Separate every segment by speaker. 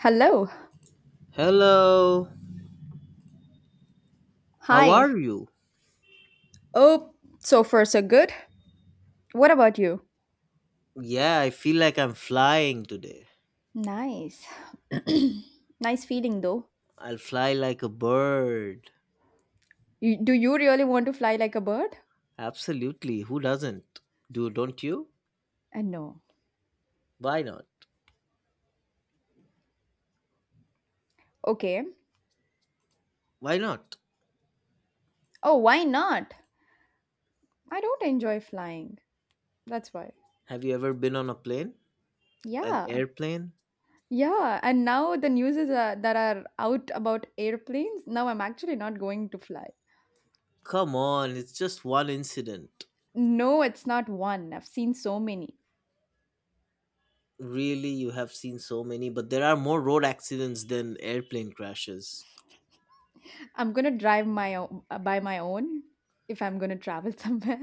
Speaker 1: Hello.
Speaker 2: Hello, how
Speaker 1: Hi.
Speaker 2: are you?
Speaker 1: Oh, so far so good. What about you?
Speaker 2: Yeah, I feel like I'm flying today.
Speaker 1: Nice. Nice feeling though.
Speaker 2: I'll fly like a bird.
Speaker 1: You, do you really want to fly like a bird?
Speaker 2: Absolutely, who doesn't? Do don't you?
Speaker 1: No.
Speaker 2: Why not?
Speaker 1: Okay.
Speaker 2: Why not?
Speaker 1: Oh, why not? I don't enjoy flying. That's why.
Speaker 2: Have you ever been on a plane? An
Speaker 1: Yeah.
Speaker 2: airplane?
Speaker 1: Yeah. And now the news is that are out about airplanes. Now I'm actually not going to fly.
Speaker 2: Come on, it's just one incident.
Speaker 1: No, it's not one. I've seen so many.
Speaker 2: Really, you have seen so many, but there are more road accidents than airplane crashes.
Speaker 1: I'm gonna drive my own, by my own if I'm gonna travel somewhere.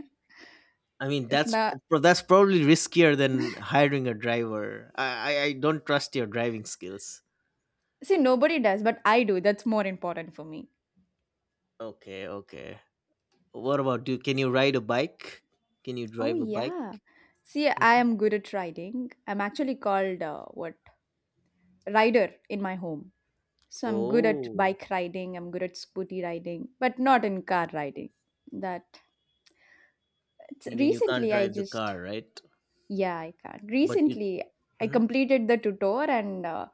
Speaker 2: I mean,
Speaker 1: If
Speaker 2: that's p-
Speaker 1: not,
Speaker 2: pro- that's probably riskier than hiring a driver. I don't trust your driving skills.
Speaker 1: see, nobody does, but I do. That's more important for me.
Speaker 2: Okay, okay. What about you? Can you ride a bike? Can you
Speaker 1: Oh,
Speaker 2: drive a bike?
Speaker 1: yeah. See, I
Speaker 2: Mhm.
Speaker 1: am good at riding. I'm actually called what rider in my home. So I'm good at
Speaker 2: Oh,
Speaker 1: bike riding. I'm good at scooty riding, but not in car riding. That it's,
Speaker 2: you mean you can't
Speaker 1: recently I
Speaker 2: drive the
Speaker 1: just
Speaker 2: car, right?
Speaker 1: yeah I can't.
Speaker 2: But you.
Speaker 1: Recently I
Speaker 2: Mhm.
Speaker 1: completed the tutor and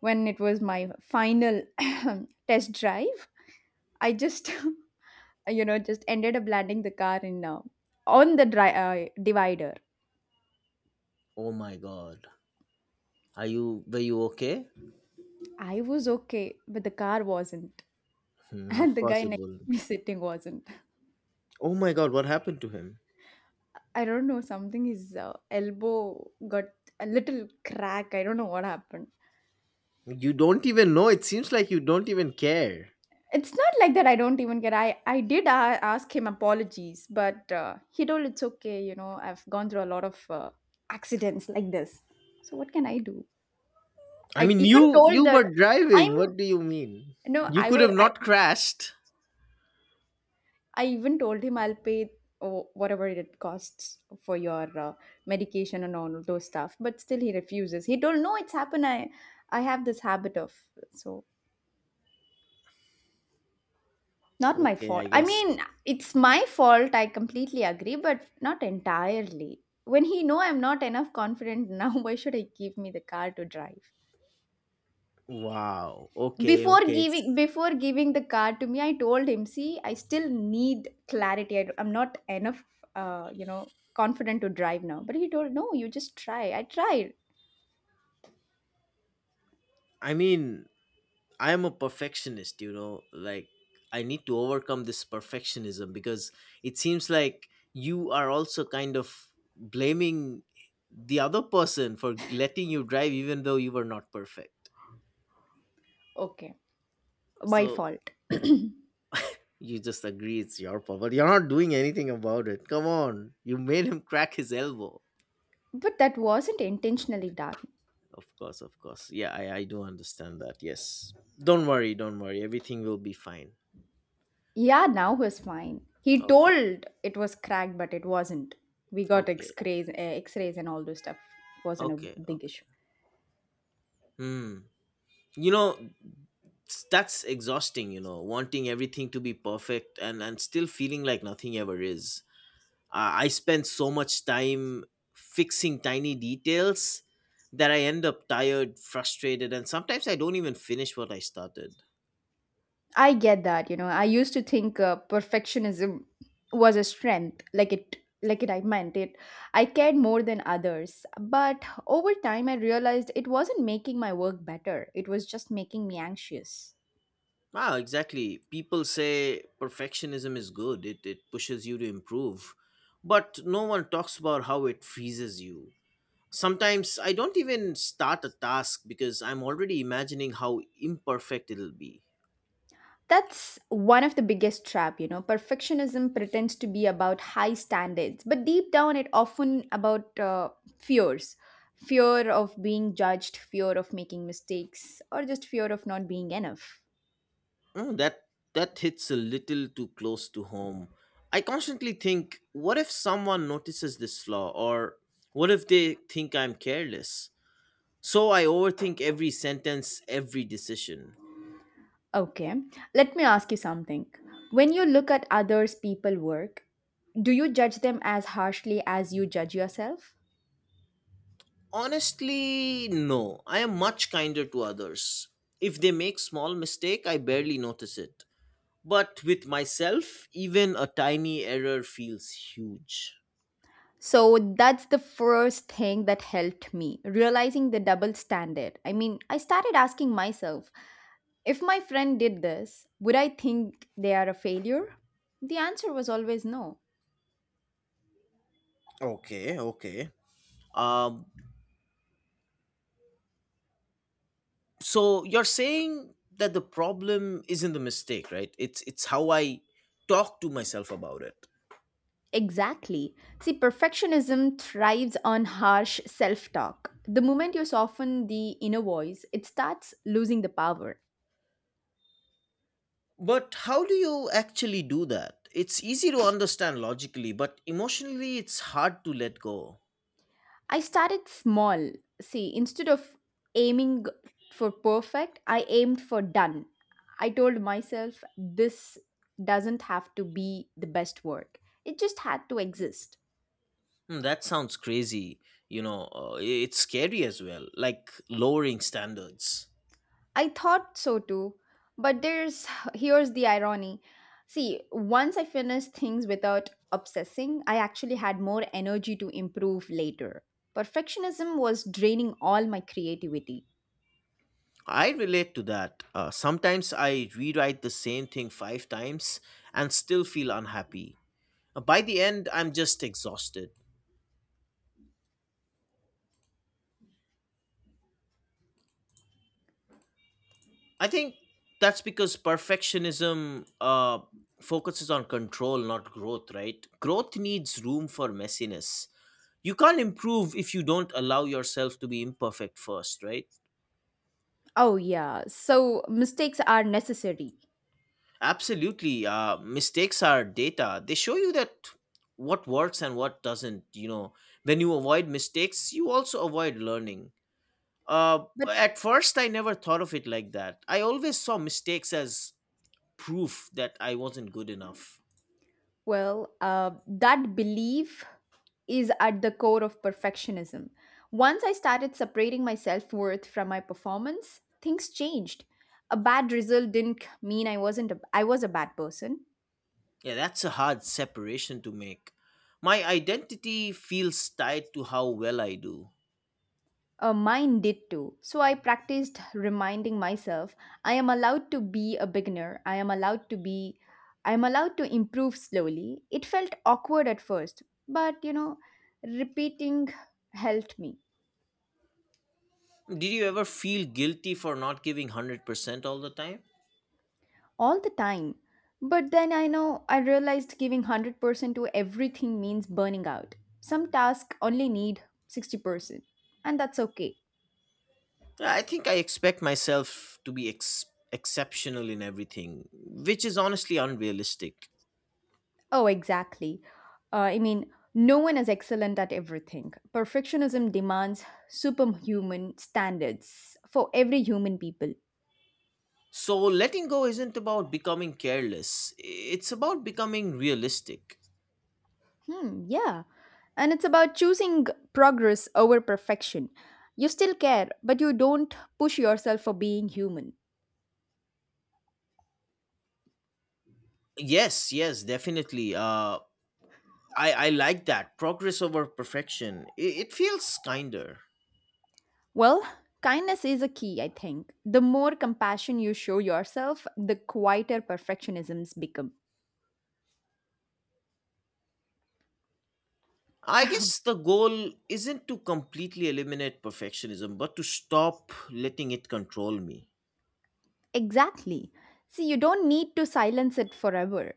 Speaker 1: when it was my final test drive I just you know just ended up landing the car in on the divider.
Speaker 2: Oh my God. Are you? Were you okay?
Speaker 1: I was okay but the car wasn't,
Speaker 2: Hmm, of
Speaker 1: and the
Speaker 2: course
Speaker 1: guy
Speaker 2: it
Speaker 1: next
Speaker 2: wouldn't
Speaker 1: to me
Speaker 2: be.
Speaker 1: sitting wasn't.
Speaker 2: Oh my God, what happened to him?
Speaker 1: I don't know something his elbow got a little crack, I don't know what happened.
Speaker 2: You don't even know. It seems like you don't even care.
Speaker 1: It's not like that I don't even care. I did a ask him apologies, but he told it's okay, you know, I've gone through a lot of accidents like this. So what can I do?
Speaker 2: I
Speaker 1: I
Speaker 2: mean,
Speaker 1: even
Speaker 2: you
Speaker 1: told
Speaker 2: you
Speaker 1: that
Speaker 2: were
Speaker 1: I'm,
Speaker 2: driving. What do you mean?
Speaker 1: no,
Speaker 2: You
Speaker 1: I
Speaker 2: could have
Speaker 1: will,
Speaker 2: not crashed.
Speaker 1: I even told him I'll pay oh, whatever it costs for your medication and all those stuff, but still he refuses. He told, no, it's happened. I have this habit of, so not my
Speaker 2: Okay, I
Speaker 1: fault. I
Speaker 2: guess.
Speaker 1: mean, it's my fault. I completely agree, but not entirely. When he know I'm not enough confident now, why should I give me the car to drive?
Speaker 2: Wow. Okay,
Speaker 1: Before
Speaker 2: okay. It's.
Speaker 1: giving before giving the car to me, I told him, "See, I still need clarity. I, am not enough, you know, confident to drive now." But he told, "No, you just try." I tried.
Speaker 2: I mean, I am a perfectionist, you know, like I need to overcome this perfectionism because it seems like you are also kind of blaming the other person for letting you drive even though you were not perfect.
Speaker 1: Okay, my
Speaker 2: So
Speaker 1: fault.
Speaker 2: you just agree it's your fault, but you're not doing anything about it. Come on. You made him crack his elbow.
Speaker 1: But that wasn't intentionally done.
Speaker 2: Of course, of course. Yeah, I do understand that. Yes. Don't worry, don't worry. Everything will be fine.
Speaker 1: Yeah, now he's fine. He
Speaker 2: Okay.
Speaker 1: told it was cracked, but it wasn't. We got
Speaker 2: Okay.
Speaker 1: X-rays, X-rays, and all those stuff. Wasn't a
Speaker 2: Okay.
Speaker 1: big
Speaker 2: Okay.
Speaker 1: issue.
Speaker 2: Hmm. You know, that's exhausting, wanting everything to be perfect and still feeling like nothing ever is. I spend so much time fixing tiny details that I end up tired, frustrated, and sometimes I don't even finish what I started.
Speaker 1: I get that. You know, I used to think perfectionism was a strength, like it, like it. I meant it. I cared more than others, but over time, I realized it wasn't making my work better. It was just making me anxious.
Speaker 2: Wow, exactly. People say perfectionism is good. It pushes you to improve, but no one talks about how it freezes you. Sometimes I don't even start a task because I'm already imagining how imperfect it'll be.
Speaker 1: That's one of the biggest trap, you know. Perfectionism pretends to be about high standards, but deep down it often about fears. Fear of being judged, fear of making mistakes, or just fear of not being enough.
Speaker 2: Mm, that hits a little too close to home. I constantly think, what if someone notices this flaw, or what if they think I'm careless? So I overthink every sentence, every decision.
Speaker 1: Okay, let me ask you something. When you look at others people work, do you judge them as harshly as you judge yourself?
Speaker 2: Honestly, no. I am much kinder to others. If they make small mistake, I barely notice it. But with myself, even a tiny error feels huge.
Speaker 1: So that's the first thing that helped me realizing the double standard. I mean, I started asking myself, if my friend did this, would I think they are a failure? The answer was always no.
Speaker 2: Okay, okay. Um, so you're saying that the problem isn't the mistake, right? It's how I talk to myself about it.
Speaker 1: Exactly. See, perfectionism thrives on harsh self talk. The moment you soften the inner voice, it starts losing the power.
Speaker 2: But how do you actually do that? It's easy to understand logically, but emotionally, it's hard to let go.
Speaker 1: I started small. See, instead of aiming for perfect, I aimed for done. I told myself this doesn't have to be the best work, it just had to exist.
Speaker 2: Hmm, that sounds crazy. You know, it's scary as well, like lowering standards.
Speaker 1: I thought so too. But there's here's the irony. See, once I finished things without obsessing, I actually had more energy to improve later. Perfectionism was draining all my creativity.
Speaker 2: I relate to that. Sometimes I rewrite the same thing five times and still feel unhappy. By the end, I'm just exhausted. I think that's because perfectionism focuses on control, not growth, right? Growth needs room for messiness. You can't improve if you don't allow yourself to be imperfect first, right?
Speaker 1: Oh yeah, so mistakes are necessary.
Speaker 2: Absolutely. Mistakes are data. They show you that what works and what doesn't. You know, when you avoid mistakes, you also avoid learning. Uh,
Speaker 1: But
Speaker 2: at first, I never thought of it like that. I always saw mistakes as proof that I wasn't good enough.
Speaker 1: well, that belief is at the core of perfectionism. Once I started separating my self worth from my performance, things changed. A bad result didn't mean I wasn't a, I was a bad person.
Speaker 2: Yeah, that's a hard separation to make. My identity feels tied to how well I do.
Speaker 1: Mine did too. So I practiced reminding myself I am allowed to be a beginner. I am allowed to improve slowly. It felt awkward at first, but you know, repeating helped me.
Speaker 2: Did you ever feel guilty for not giving 100% all the time?
Speaker 1: All the time. But then I know I realized giving 100% to everything means burning out. Some tasks only need 60%, and that's okay.
Speaker 2: Yeah, I think I expect myself to be exceptional in everything, which is honestly unrealistic.
Speaker 1: Oh, exactly. I mean, no one is excellent at everything. Perfectionism demands superhuman standards for every human people.
Speaker 2: So, letting go isn't about becoming careless, it's about becoming realistic.
Speaker 1: Hmm, yeah. And it's about choosing progress over perfection. You still care, but you don't push yourself for being human.
Speaker 2: Yes, yes, definitely. I like that. Progress over perfection. It feels kinder.
Speaker 1: Well, kindness is a key, I think. The more compassion you show yourself, the quieter perfectionisms become.
Speaker 2: I guess the goal isn't to completely eliminate perfectionism, but to stop letting it control me.
Speaker 1: Exactly. See, you don't need to silence it forever.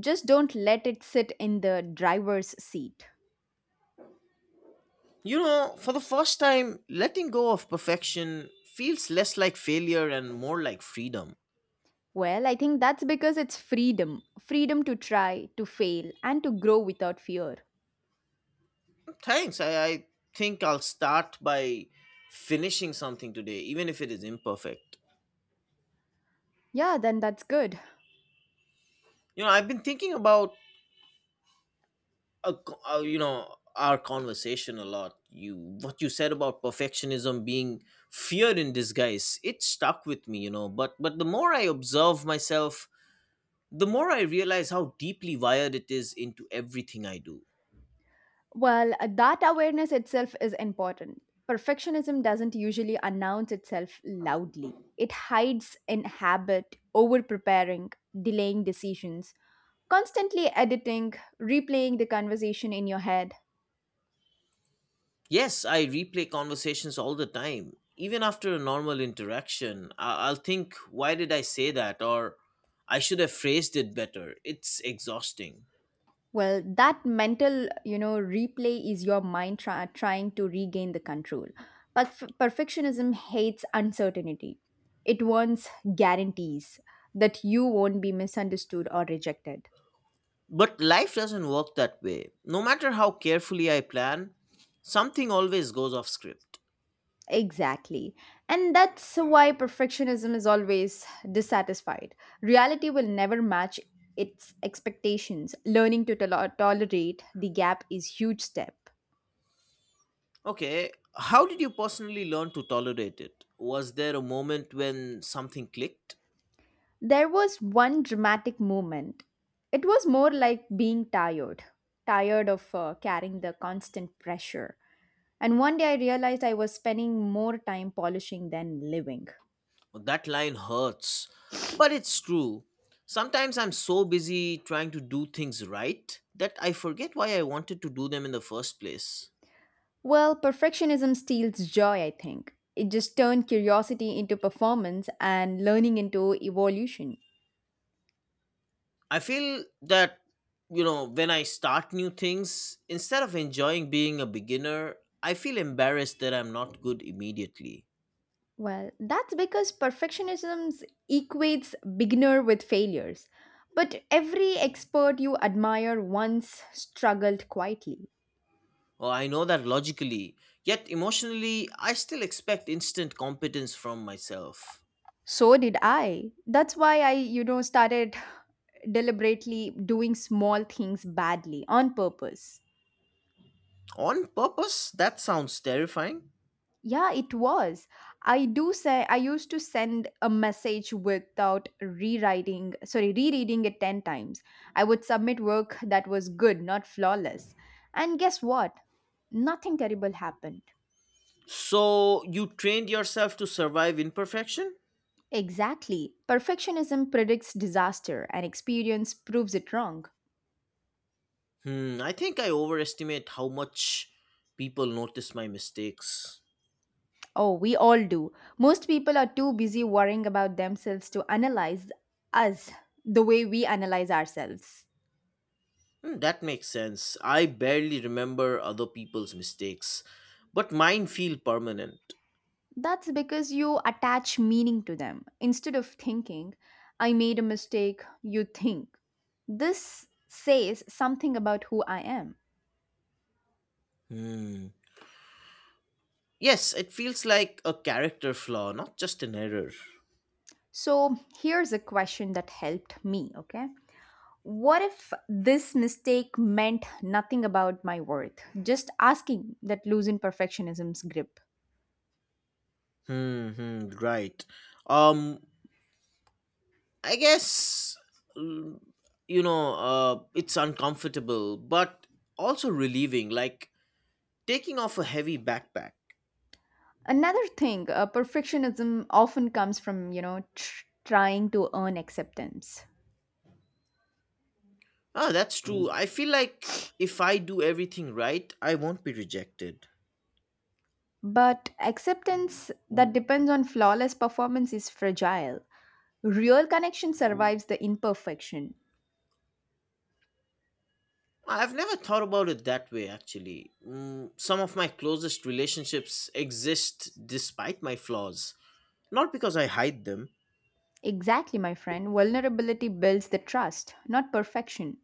Speaker 1: Just don't let it sit in the driver's seat.
Speaker 2: You know, for the first time, letting go of perfection feels less like failure and more like freedom.
Speaker 1: Well, I think that's because it's freedom to try, to fail, and to grow without fear.
Speaker 2: Thanks. I think I'll start by finishing something today, even if it is imperfect.
Speaker 1: Yeah, then that's good.
Speaker 2: You know, I've been thinking about a, co- you know, our conversation a lot. You, what you said about perfectionism being fear in disguise, it stuck with me. You know, but the more I observe myself, the more I realize how deeply wired it is into everything I do.
Speaker 1: Well, that awareness itself is important. Perfectionism doesn't usually announce itself loudly. It hides in habit, over preparing, delaying decisions, constantly editing, replaying the conversation in your head.
Speaker 2: Yes, I replay conversations all the time. Even after a normal interaction, I'll think, why did I say that? Or I should have phrased it better. It's exhausting.
Speaker 1: Well, that mental, you know, replay is your mind trying to regain the control. But perfectionism hates uncertainty. It wants guarantees that you won't be misunderstood or rejected.
Speaker 2: But life doesn't work that way. No matter how carefully I plan, something always goes off script.
Speaker 1: Exactly. And that's why perfectionism is always dissatisfied. Reality will never match its expectations. Learning to tolerate the gap is huge step.
Speaker 2: Okay, how did you personally learn to tolerate it? Was there a moment when something clicked?
Speaker 1: There was one dramatic moment. It was more like being tired, tired of carrying the constant pressure. And one day I realized I was spending more time polishing than living.
Speaker 2: That line hurts, but it's true. Sometimes I'm so busy trying to do things right that I forget why I wanted to do them in the first place.
Speaker 1: Well, perfectionism steals joy, I think. It just turned curiosity into performance and learning into evolution.
Speaker 2: I feel that. You know, when I start new things, instead of enjoying being a beginner, I feel embarrassed that I'm not good immediately.
Speaker 1: Well, that's because perfectionism equates beginner with failures. But every expert you admire once struggled quietly.
Speaker 2: Or I know that logically, yet emotionally, I still expect instant competence from myself.
Speaker 1: So did I. That's why you know, started deliberately doing small things badly on purpose.
Speaker 2: On purpose, that sounds terrifying.
Speaker 1: Yeah, it was. I do say I used to send a message without rewriting, sorry, rereading it 10 times. I would submit work that was good, not flawless. And guess what? Nothing terrible happened.
Speaker 2: So you trained yourself to survive imperfection?
Speaker 1: Exactly. Perfectionism predicts disaster, and experience proves it wrong.
Speaker 2: Hmm, I think I overestimate how much people notice my mistakes.
Speaker 1: Oh, we all do. Most people are too busy worrying about themselves to analyze us the way we analyze ourselves.
Speaker 2: Hmm, that makes sense. I barely remember other people's mistakes, but mine feel permanent.
Speaker 1: That's because you attach meaning to them. Instead of thinking, I made a mistake, you think, this says something about who I am.
Speaker 2: Hmm. Yes, it feels like a character flaw, not just an error.
Speaker 1: So here's a question that helped me, okay? What if this mistake meant nothing about my worth? Just asking that loosen perfectionism's grip.
Speaker 2: Hmm, hmm, right. Um, I guess mm, it's uncomfortable, but also relieving. Like taking off a heavy backpack.
Speaker 1: Another thing, perfectionism often comes from, you know, trying to earn acceptance.
Speaker 2: Ah, that's true. I feel like if I do everything right, I won't be rejected.
Speaker 1: But acceptance that depends on flawless performance is fragile. Real connection survives the imperfection.
Speaker 2: I've never thought about it that way, actually. Mm, some of my closest relationships exist despite my flaws, not because I hide them.
Speaker 1: Exactly, my friend. Vulnerability builds the trust, not perfection.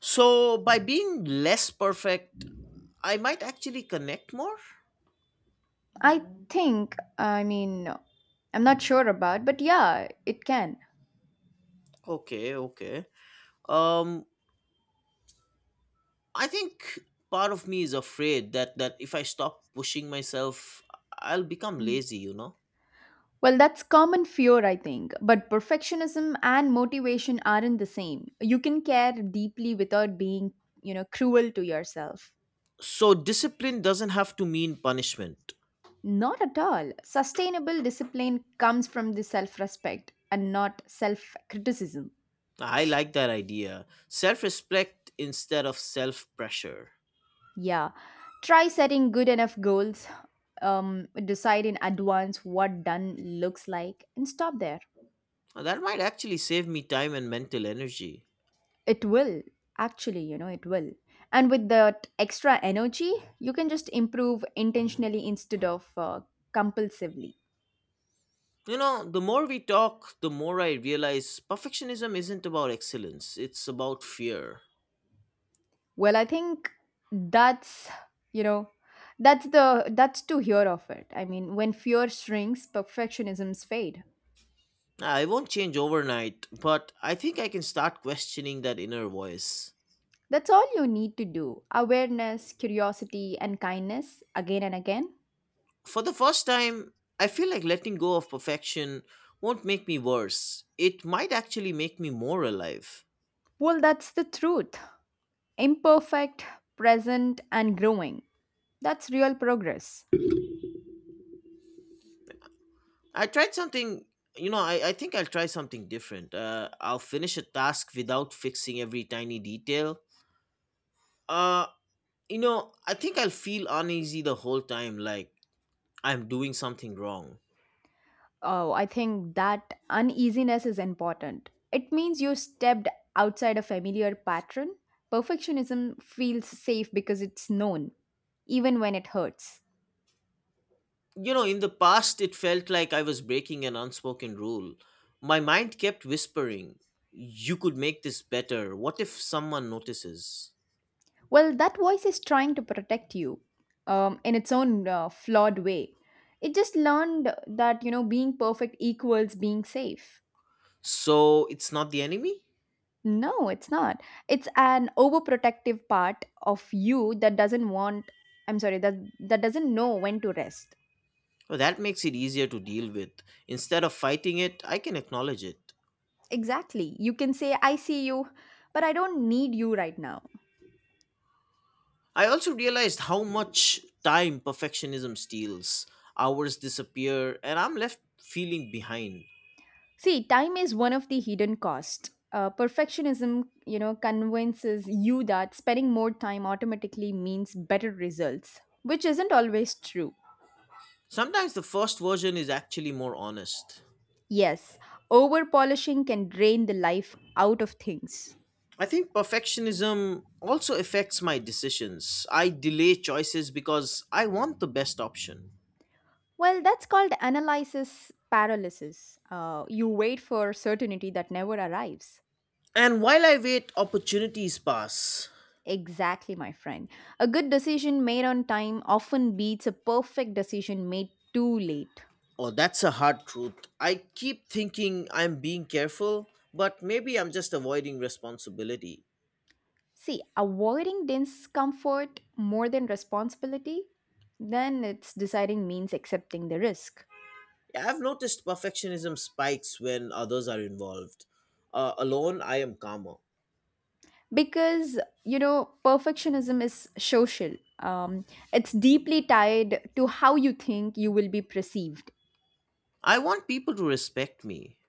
Speaker 2: So, by being less perfect, I might actually connect more?
Speaker 1: I think, I mean, I'm not sure about, but yeah, it can.
Speaker 2: Okay, okay. Um, I think part of me is afraid that, if I stop pushing myself, I'll become
Speaker 1: Mm.
Speaker 2: lazy, you know?
Speaker 1: Well, that's common fear, I think. But perfectionism and motivation aren't the same. You can care deeply without being, you know, cruel to yourself.
Speaker 2: So, discipline doesn't have to mean punishment.
Speaker 1: Not at all. Sustainable discipline comes from the self respect and not self criticism.
Speaker 2: I like that idea. Self respect instead of self pressure.
Speaker 1: Yeah. Try setting good enough goals. Decide in advance what done looks like and stop there.
Speaker 2: That might actually save me time and mental energy.
Speaker 1: It will, actually, you know, it will. And with that extra energy, you can just improve intentionally instead of compulsively.
Speaker 2: You know, the more we talk, the more I realize perfectionism isn't about excellence, it's about fear.
Speaker 1: Well, I think that's, you know, that's to hear of it. I mean, when fear shrinks, perfectionisms fade.
Speaker 2: I won't change overnight, but I think I can start questioning that inner voice.
Speaker 1: That's all you need to do. Awareness, curiosity, and kindness again and again.
Speaker 2: For the first time, I feel like letting go of perfection won't make me worse. It might actually make me more alive.
Speaker 1: Well, that's the truth. Imperfect, present, and growing. That's real progress.
Speaker 2: I tried something. You know, I think I'll try something different. I'll finish a task without fixing every tiny detail. Uh, you know, I think I'll feel uneasy the whole time, like I'm doing something wrong.
Speaker 1: Oh, I think that uneasiness is important. It means you stepped outside a familiar pattern. Perfectionism feels safe because it's known, even when it hurts.
Speaker 2: You know, in the past, it felt like I was breaking an unspoken rule. My mind kept whispering, you could make this better. What if someone notices?
Speaker 1: Well, that voice is trying to protect you in its own flawed way. It just learned that, you know, being perfect equals being safe.
Speaker 2: So it's not the enemy?
Speaker 1: No, it's not. It's an overprotective part of you that doesn't want, I'm sorry, that, that doesn't know when to rest.
Speaker 2: Well, that makes it easier to deal with. Instead of fighting it, I can acknowledge it.
Speaker 1: Exactly. You can say, I see you, but I don't need you right now.
Speaker 2: I also realized how much time perfectionism steals. Hours disappear, and I'm left feeling behind.
Speaker 1: See, time is one of the hidden costs. Perfectionism, you know, convinces you that spending more time automatically means better results, which isn't always true.
Speaker 2: Sometimes the first version is actually more honest.
Speaker 1: Yes, over polishing can drain the life out of things.
Speaker 2: I think perfectionism also affects my decisions. I delay choices because I want the best option.
Speaker 1: Well, that's called analysis paralysis. You wait for certainty that never arrives.
Speaker 2: And while I wait, opportunities pass.
Speaker 1: Exactly, my friend. A good decision made on time often beats a perfect decision made too late.
Speaker 2: Oh, that's a hard truth. I keep thinking I'm being careful, but maybe I'm just avoiding responsibility.
Speaker 1: See, avoiding discomfort more than responsibility, then it's deciding means accepting the risk.
Speaker 2: Yeah, I've noticed perfectionism spikes when others are involved. Alone, I am calmer.
Speaker 1: Because, you know, perfectionism is social, it's deeply tied to how you think you will be perceived.
Speaker 2: I want people to respect me.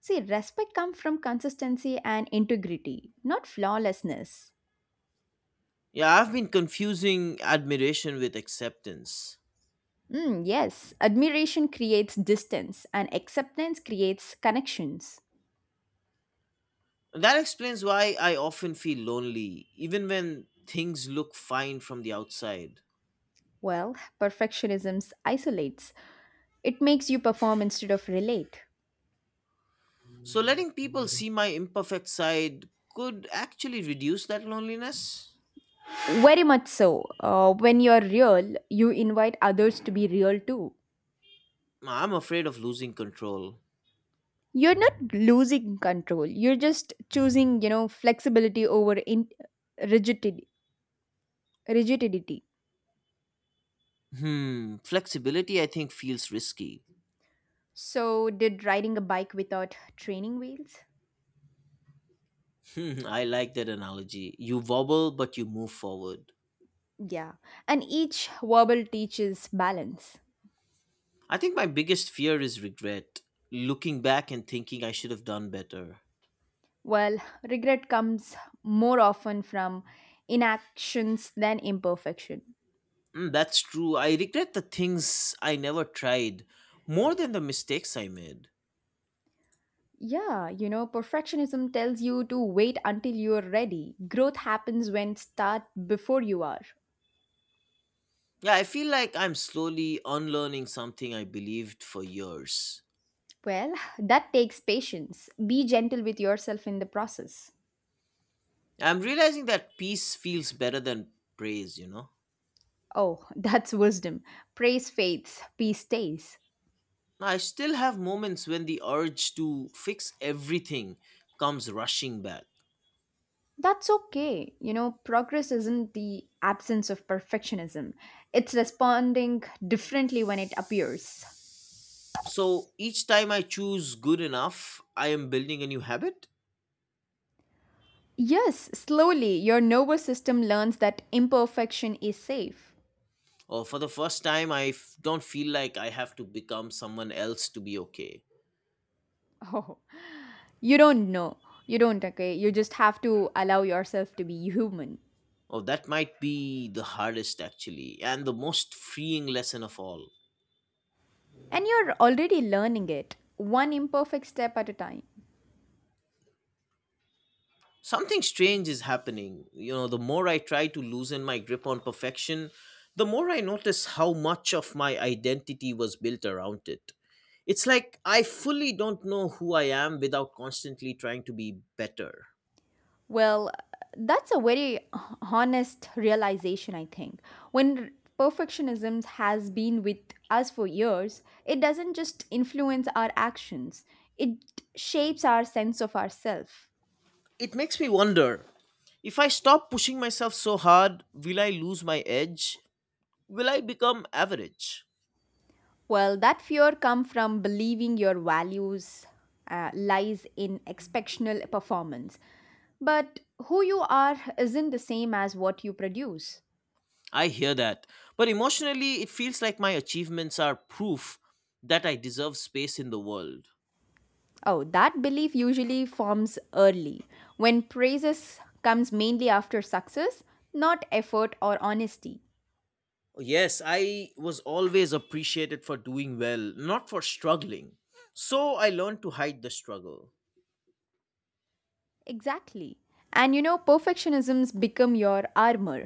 Speaker 1: See, respect comes from consistency and integrity, not flawlessness.
Speaker 2: Yeah, I've been confusing admiration with acceptance.
Speaker 1: Mm, yes, admiration creates distance and acceptance creates connections.
Speaker 2: That explains why I often feel lonely, even when things look fine from the outside.
Speaker 1: Well, perfectionism isolates. It makes you perform instead of relate.
Speaker 2: So, letting people see my imperfect side could actually reduce that loneliness.
Speaker 1: Very much so. When you're real, you invite others to be real too.
Speaker 2: I'm afraid of losing control.
Speaker 1: You're not losing control. You're just choosing, you know, flexibility over rigidity. rigidity.
Speaker 2: Hmm, flexibility I think feels risky.
Speaker 1: So, did riding a bike without training wheels?
Speaker 2: Hmm, I like that analogy. You wobble, but you move forward.
Speaker 1: Yeah. And each wobble teaches balance.
Speaker 2: I think my biggest fear is regret, looking back and thinking I should have done better.
Speaker 1: Well, regret comes more often from inactions than imperfection.
Speaker 2: Mm, that's true. I regret the things I never tried more than the mistakes I made.
Speaker 1: Yeah, perfectionism tells you to wait until you're ready. Growth happens when start before you are.
Speaker 2: Yeah, I feel like I'm slowly unlearning something I believed for years.
Speaker 1: Well, that takes patience. Be gentle with yourself in the process.
Speaker 2: I'm realizing that peace feels better than praise, you know?
Speaker 1: Oh, that's wisdom. Praise fades, peace stays.
Speaker 2: I still have moments when the urge to fix everything comes rushing back.
Speaker 1: That's okay. You know, progress isn't the absence of perfectionism. It's responding differently when it appears.
Speaker 2: So each time I choose good enough, I am building a new habit.
Speaker 1: Yes, slowly your nervous system learns that imperfection is safe.
Speaker 2: Or for the first time, don't feel like I have to become someone else to be okay.
Speaker 1: Oh, you don't know. You don't, okay? You just have to allow yourself to be human.
Speaker 2: Oh, that might be the hardest actually, and the most freeing lesson of all.
Speaker 1: And you're already learning it, one imperfect step at a time.
Speaker 2: Something strange is happening. You know, the more I try to loosen my grip on perfection, the more I notice how much of my identity was built around it. It's like I fully don't know who I am without constantly trying to be better.
Speaker 1: Well, that's a very honest realization, I think. When perfectionism has been with us for years, it doesn't just influence our actions, it shapes our sense of ourself.
Speaker 2: It makes me wonder, if I stop pushing myself so hard, will I lose my edge? Will I become average?
Speaker 1: Well, that fear come from believing your values lies in exceptional performance. But who you are isn't the same as what you produce.
Speaker 2: I hear that, but emotionally, it feels like my achievements are proof that I deserve space in the world.
Speaker 1: Oh, that belief usually forms early when praises comes mainly after success, not effort or honesty.
Speaker 2: Yes, I was always appreciated for doing well, not for struggling. So I learned to hide the struggle.
Speaker 1: Exactly. And perfectionisms become your armor.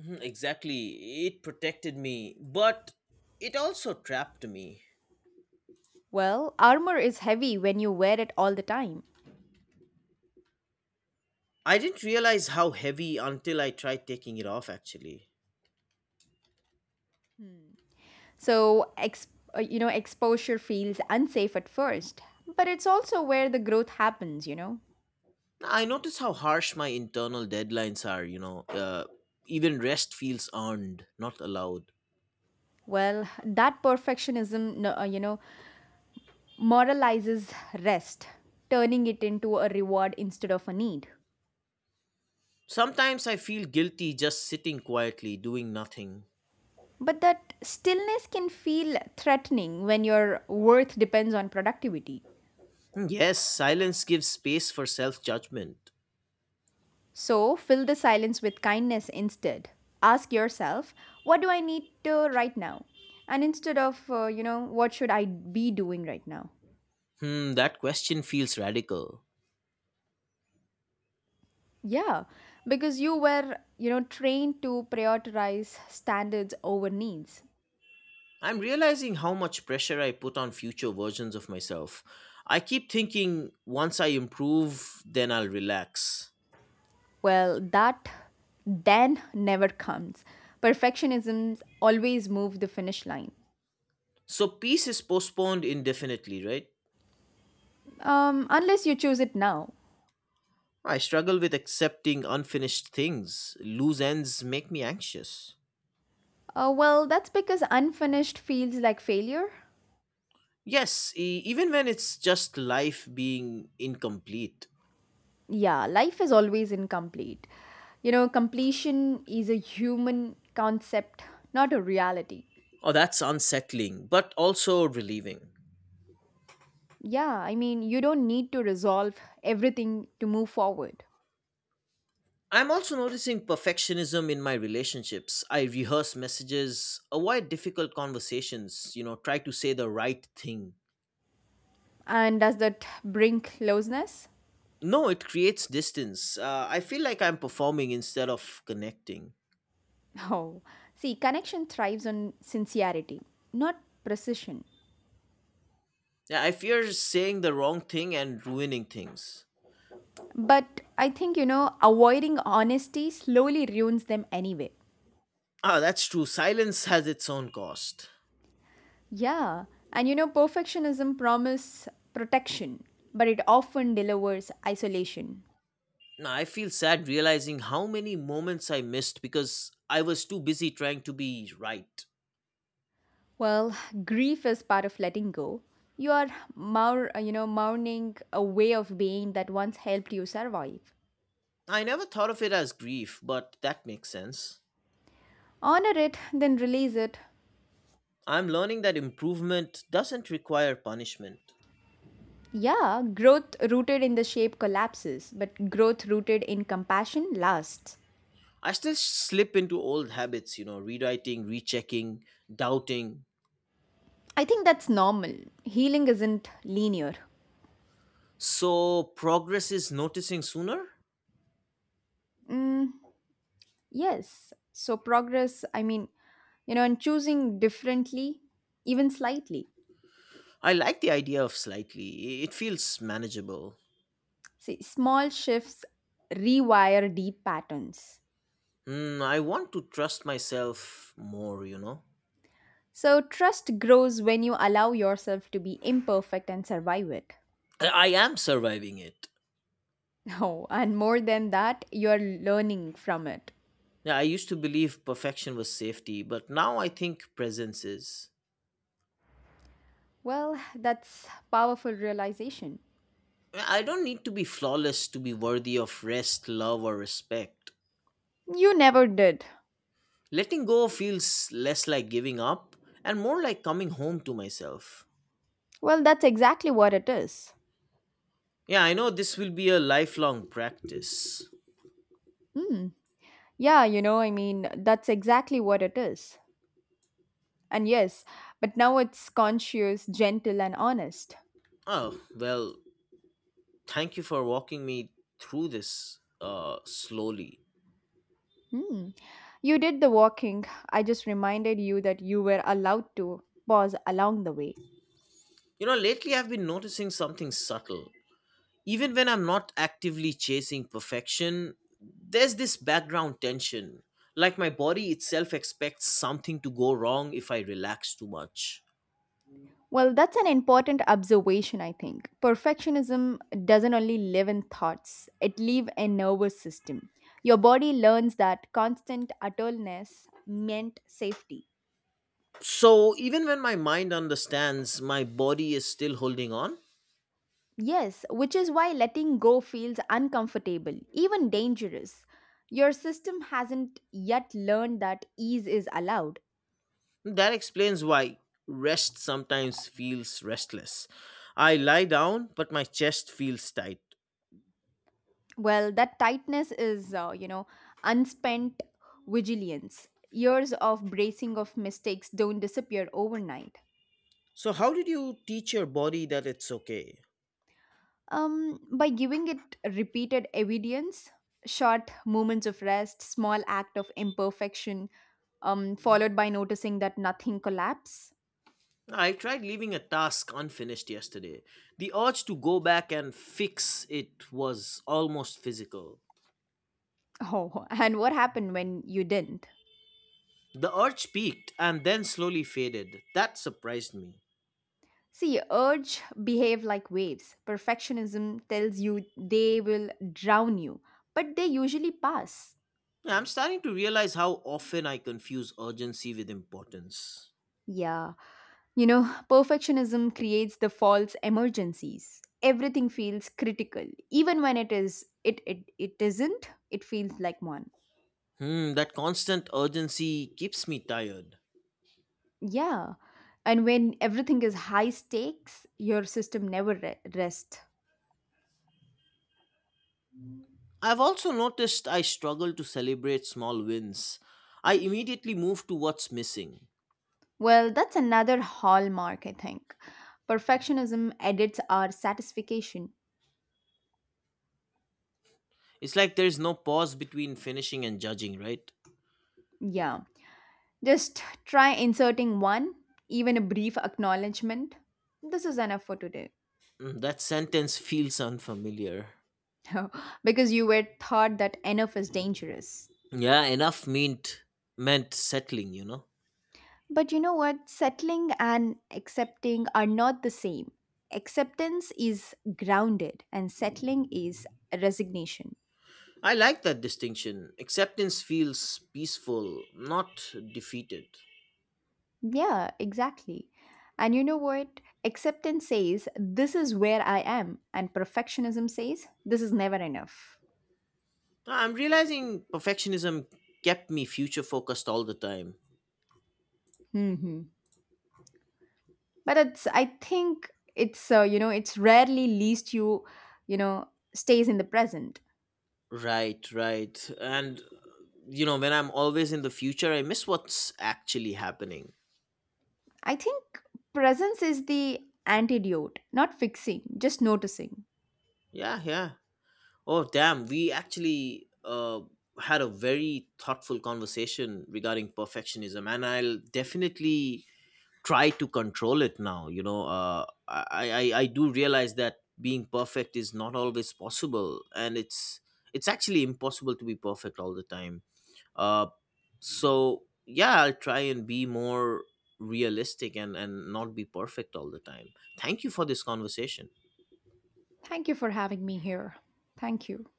Speaker 2: Mhm, exactly. It protected me, but it also trapped me.
Speaker 1: Well, armor is heavy when you wear it all the time.
Speaker 2: I didn't realize how heavy until I tried taking it off, actually.
Speaker 1: Hmm. So, exposure feels unsafe at first, but it's also where the growth happens,
Speaker 2: I noticed how harsh my internal deadlines are, Even rest feels earned, not allowed.
Speaker 1: Well, that perfectionism, moralizes rest, turning it into a reward instead of a need.
Speaker 2: Sometimes I feel guilty just sitting quietly, doing nothing.
Speaker 1: But that stillness can feel threatening when your worth depends on productivity.
Speaker 2: Hmm, yes, silence gives space for self judgment.
Speaker 1: So, fill the silence with kindness instead. Ask yourself, what do I need to right now? And instead of, what should I be doing right now?
Speaker 2: Hmm, that question feels radical.
Speaker 1: Yeah, because you were, trained to prioritize standards over needs.
Speaker 2: I'm realizing how much pressure I put on future versions of myself. I keep thinking once I improve, then I'll relax.
Speaker 1: Well, that then never comes. Perfectionisms always move the finish line,
Speaker 2: So peace is postponed indefinitely, right?
Speaker 1: unless you choose it now.
Speaker 2: I struggle with accepting unfinished things. Loose ends make me anxious.
Speaker 1: Well, that's because unfinished feels like failure.
Speaker 2: Yes, even when it's just life being incomplete.
Speaker 1: Yeah, life is always incomplete. You know, completion is a human concept, not a reality.
Speaker 2: Oh, that's unsettling, but also relieving.
Speaker 1: Yeah, I mean, you don't need to resolve everything to move forward.
Speaker 2: I'm also noticing perfectionism in my relationships. I rehearse messages, avoid difficult conversations, try to say the right thing.
Speaker 1: And does that bring closeness?
Speaker 2: No, it creates distance. I feel like I'm performing instead of connecting.
Speaker 1: Oh, see, connection thrives on sincerity, not precision.
Speaker 2: Yeah, I fear saying the wrong thing and ruining things.
Speaker 1: But I think, avoiding honesty slowly ruins them anyway.
Speaker 2: Ah, that's true. Silence has its own cost.
Speaker 1: Yeah, and perfectionism promises protection, but it often delivers isolation.
Speaker 2: Now, I feel sad realizing how many moments I missed because I was too busy trying to be right.
Speaker 1: Well, grief is part of letting go. You are mourning a way of being that once helped you survive.
Speaker 2: I never thought of it as grief, but that makes sense.
Speaker 1: Honor it, then release it.
Speaker 2: I'm learning that improvement doesn't require punishment.
Speaker 1: Yeah, growth rooted in the shape collapses, but growth rooted in compassion lasts.
Speaker 2: I still slip into old habits, you know, rewriting, rechecking, doubting.
Speaker 1: I think that's normal. Healing isn't linear.
Speaker 2: So, progress is noticing sooner?
Speaker 1: Mm, yes. So, progress, I mean, and choosing differently, even slightly.
Speaker 2: I like the idea of slightly. It feels manageable.
Speaker 1: See, small shifts rewire deep patterns.
Speaker 2: Mm, I want to trust myself more, you know.
Speaker 1: So, trust grows when you allow yourself to be imperfect and survive it.
Speaker 2: I am surviving it.
Speaker 1: Oh, and more than that, you're learning from it.
Speaker 2: Yeah, I used to believe perfection was safety, but now I think presence is.
Speaker 1: Well, that's powerful realization.
Speaker 2: I don't need to be flawless to be worthy of rest, love, or respect.
Speaker 1: You never did.
Speaker 2: Letting go feels less like giving up and more like coming home to myself.
Speaker 1: Well, that's exactly what it is.
Speaker 2: Yeah, I know this will be a lifelong practice.
Speaker 1: Hmm. Yeah, that's exactly what it is. And yes, but now it's conscious, gentle, and honest.
Speaker 2: Oh, well, thank you for walking me through this slowly.
Speaker 1: Hmm. You did the walking. I just reminded you that you were allowed to pause along the way.
Speaker 2: You know, lately I've been noticing something subtle. Even when I'm not actively chasing perfection, there's this background tension. Like my body itself expects something to go wrong if I relax too much.
Speaker 1: Well, that's an important observation, I think. Perfectionism doesn't only live in thoughts, it lives in nervous system. Your body learns that constant attuleness meant safety.
Speaker 2: So even when my mind understands, my body is still holding on.
Speaker 1: Yes, which is why letting go feels uncomfortable, even dangerous. Your system hasn't yet learned that ease is allowed.
Speaker 2: That explains why rest sometimes feels restless. I lie down, but my chest feels tight.
Speaker 1: Well, that tightness is, unspent vigilance. Years of bracing of mistakes don't disappear overnight.
Speaker 2: So, how did you teach your body that it's okay?
Speaker 1: By giving it repeated evidence, short moments of rest, small act of imperfection, followed by noticing that nothing collapsed.
Speaker 2: I tried leaving a task unfinished yesterday. The urge to go back and fix it was almost physical.
Speaker 1: Oh, and what happened when you didn't?
Speaker 2: The urge peaked and then slowly faded. That surprised me.
Speaker 1: See, urge behave like waves. Perfectionism tells you they will drown you, but they usually pass.
Speaker 2: Yeah, I'm starting to realize how often I confuse urgency with importance.
Speaker 1: Yeah. You know, perfectionism creates the false emergencies. Everything feels critical. Even when it isn't, it feels like one.
Speaker 2: Hmm, that constant urgency keeps me tired.
Speaker 1: Yeah. And when everything is high stakes, your system never rests.
Speaker 2: I've also noticed I struggle to celebrate small wins. I immediately move to what's missing.
Speaker 1: Well, that's another hallmark, I think. Perfectionism edits our satisfaction.
Speaker 2: It's like there's no pause between finishing and judging, right?
Speaker 1: Yeah. Just try inserting one, even a brief acknowledgement. This is enough for today.
Speaker 2: Mm, that sentence feels unfamiliar.
Speaker 1: Because you were taught that enough is dangerous.
Speaker 2: Yeah, enough meant settling, you know.
Speaker 1: But you know what? Settling and accepting are not the same. Acceptance is grounded, and settling is resignation.
Speaker 2: I like that distinction. Acceptance feels peaceful, not defeated.
Speaker 1: Yeah, exactly. And you know what? Acceptance says, "This is where I am." And perfectionism says, "This is never enough."
Speaker 2: I'm realizing perfectionism kept me future focused all the time.
Speaker 1: Hmm. But it's rarely least you, you know, stays in the present.
Speaker 2: Right, right. And you know, when I'm always in the future, I miss what's actually happening.
Speaker 1: I think presence is the antidote, not fixing, just noticing.
Speaker 2: Yeah, yeah. Oh, damn. We actually had a very thoughtful conversation regarding perfectionism, and I'll definitely try to control it now. I do realize that being perfect is not always possible, and it's actually impossible to be perfect all the time. Uh, so yeah, I'll try and be more realistic and not be perfect all the time. Thank you for this conversation.
Speaker 1: Thank you for having me here. Thank you.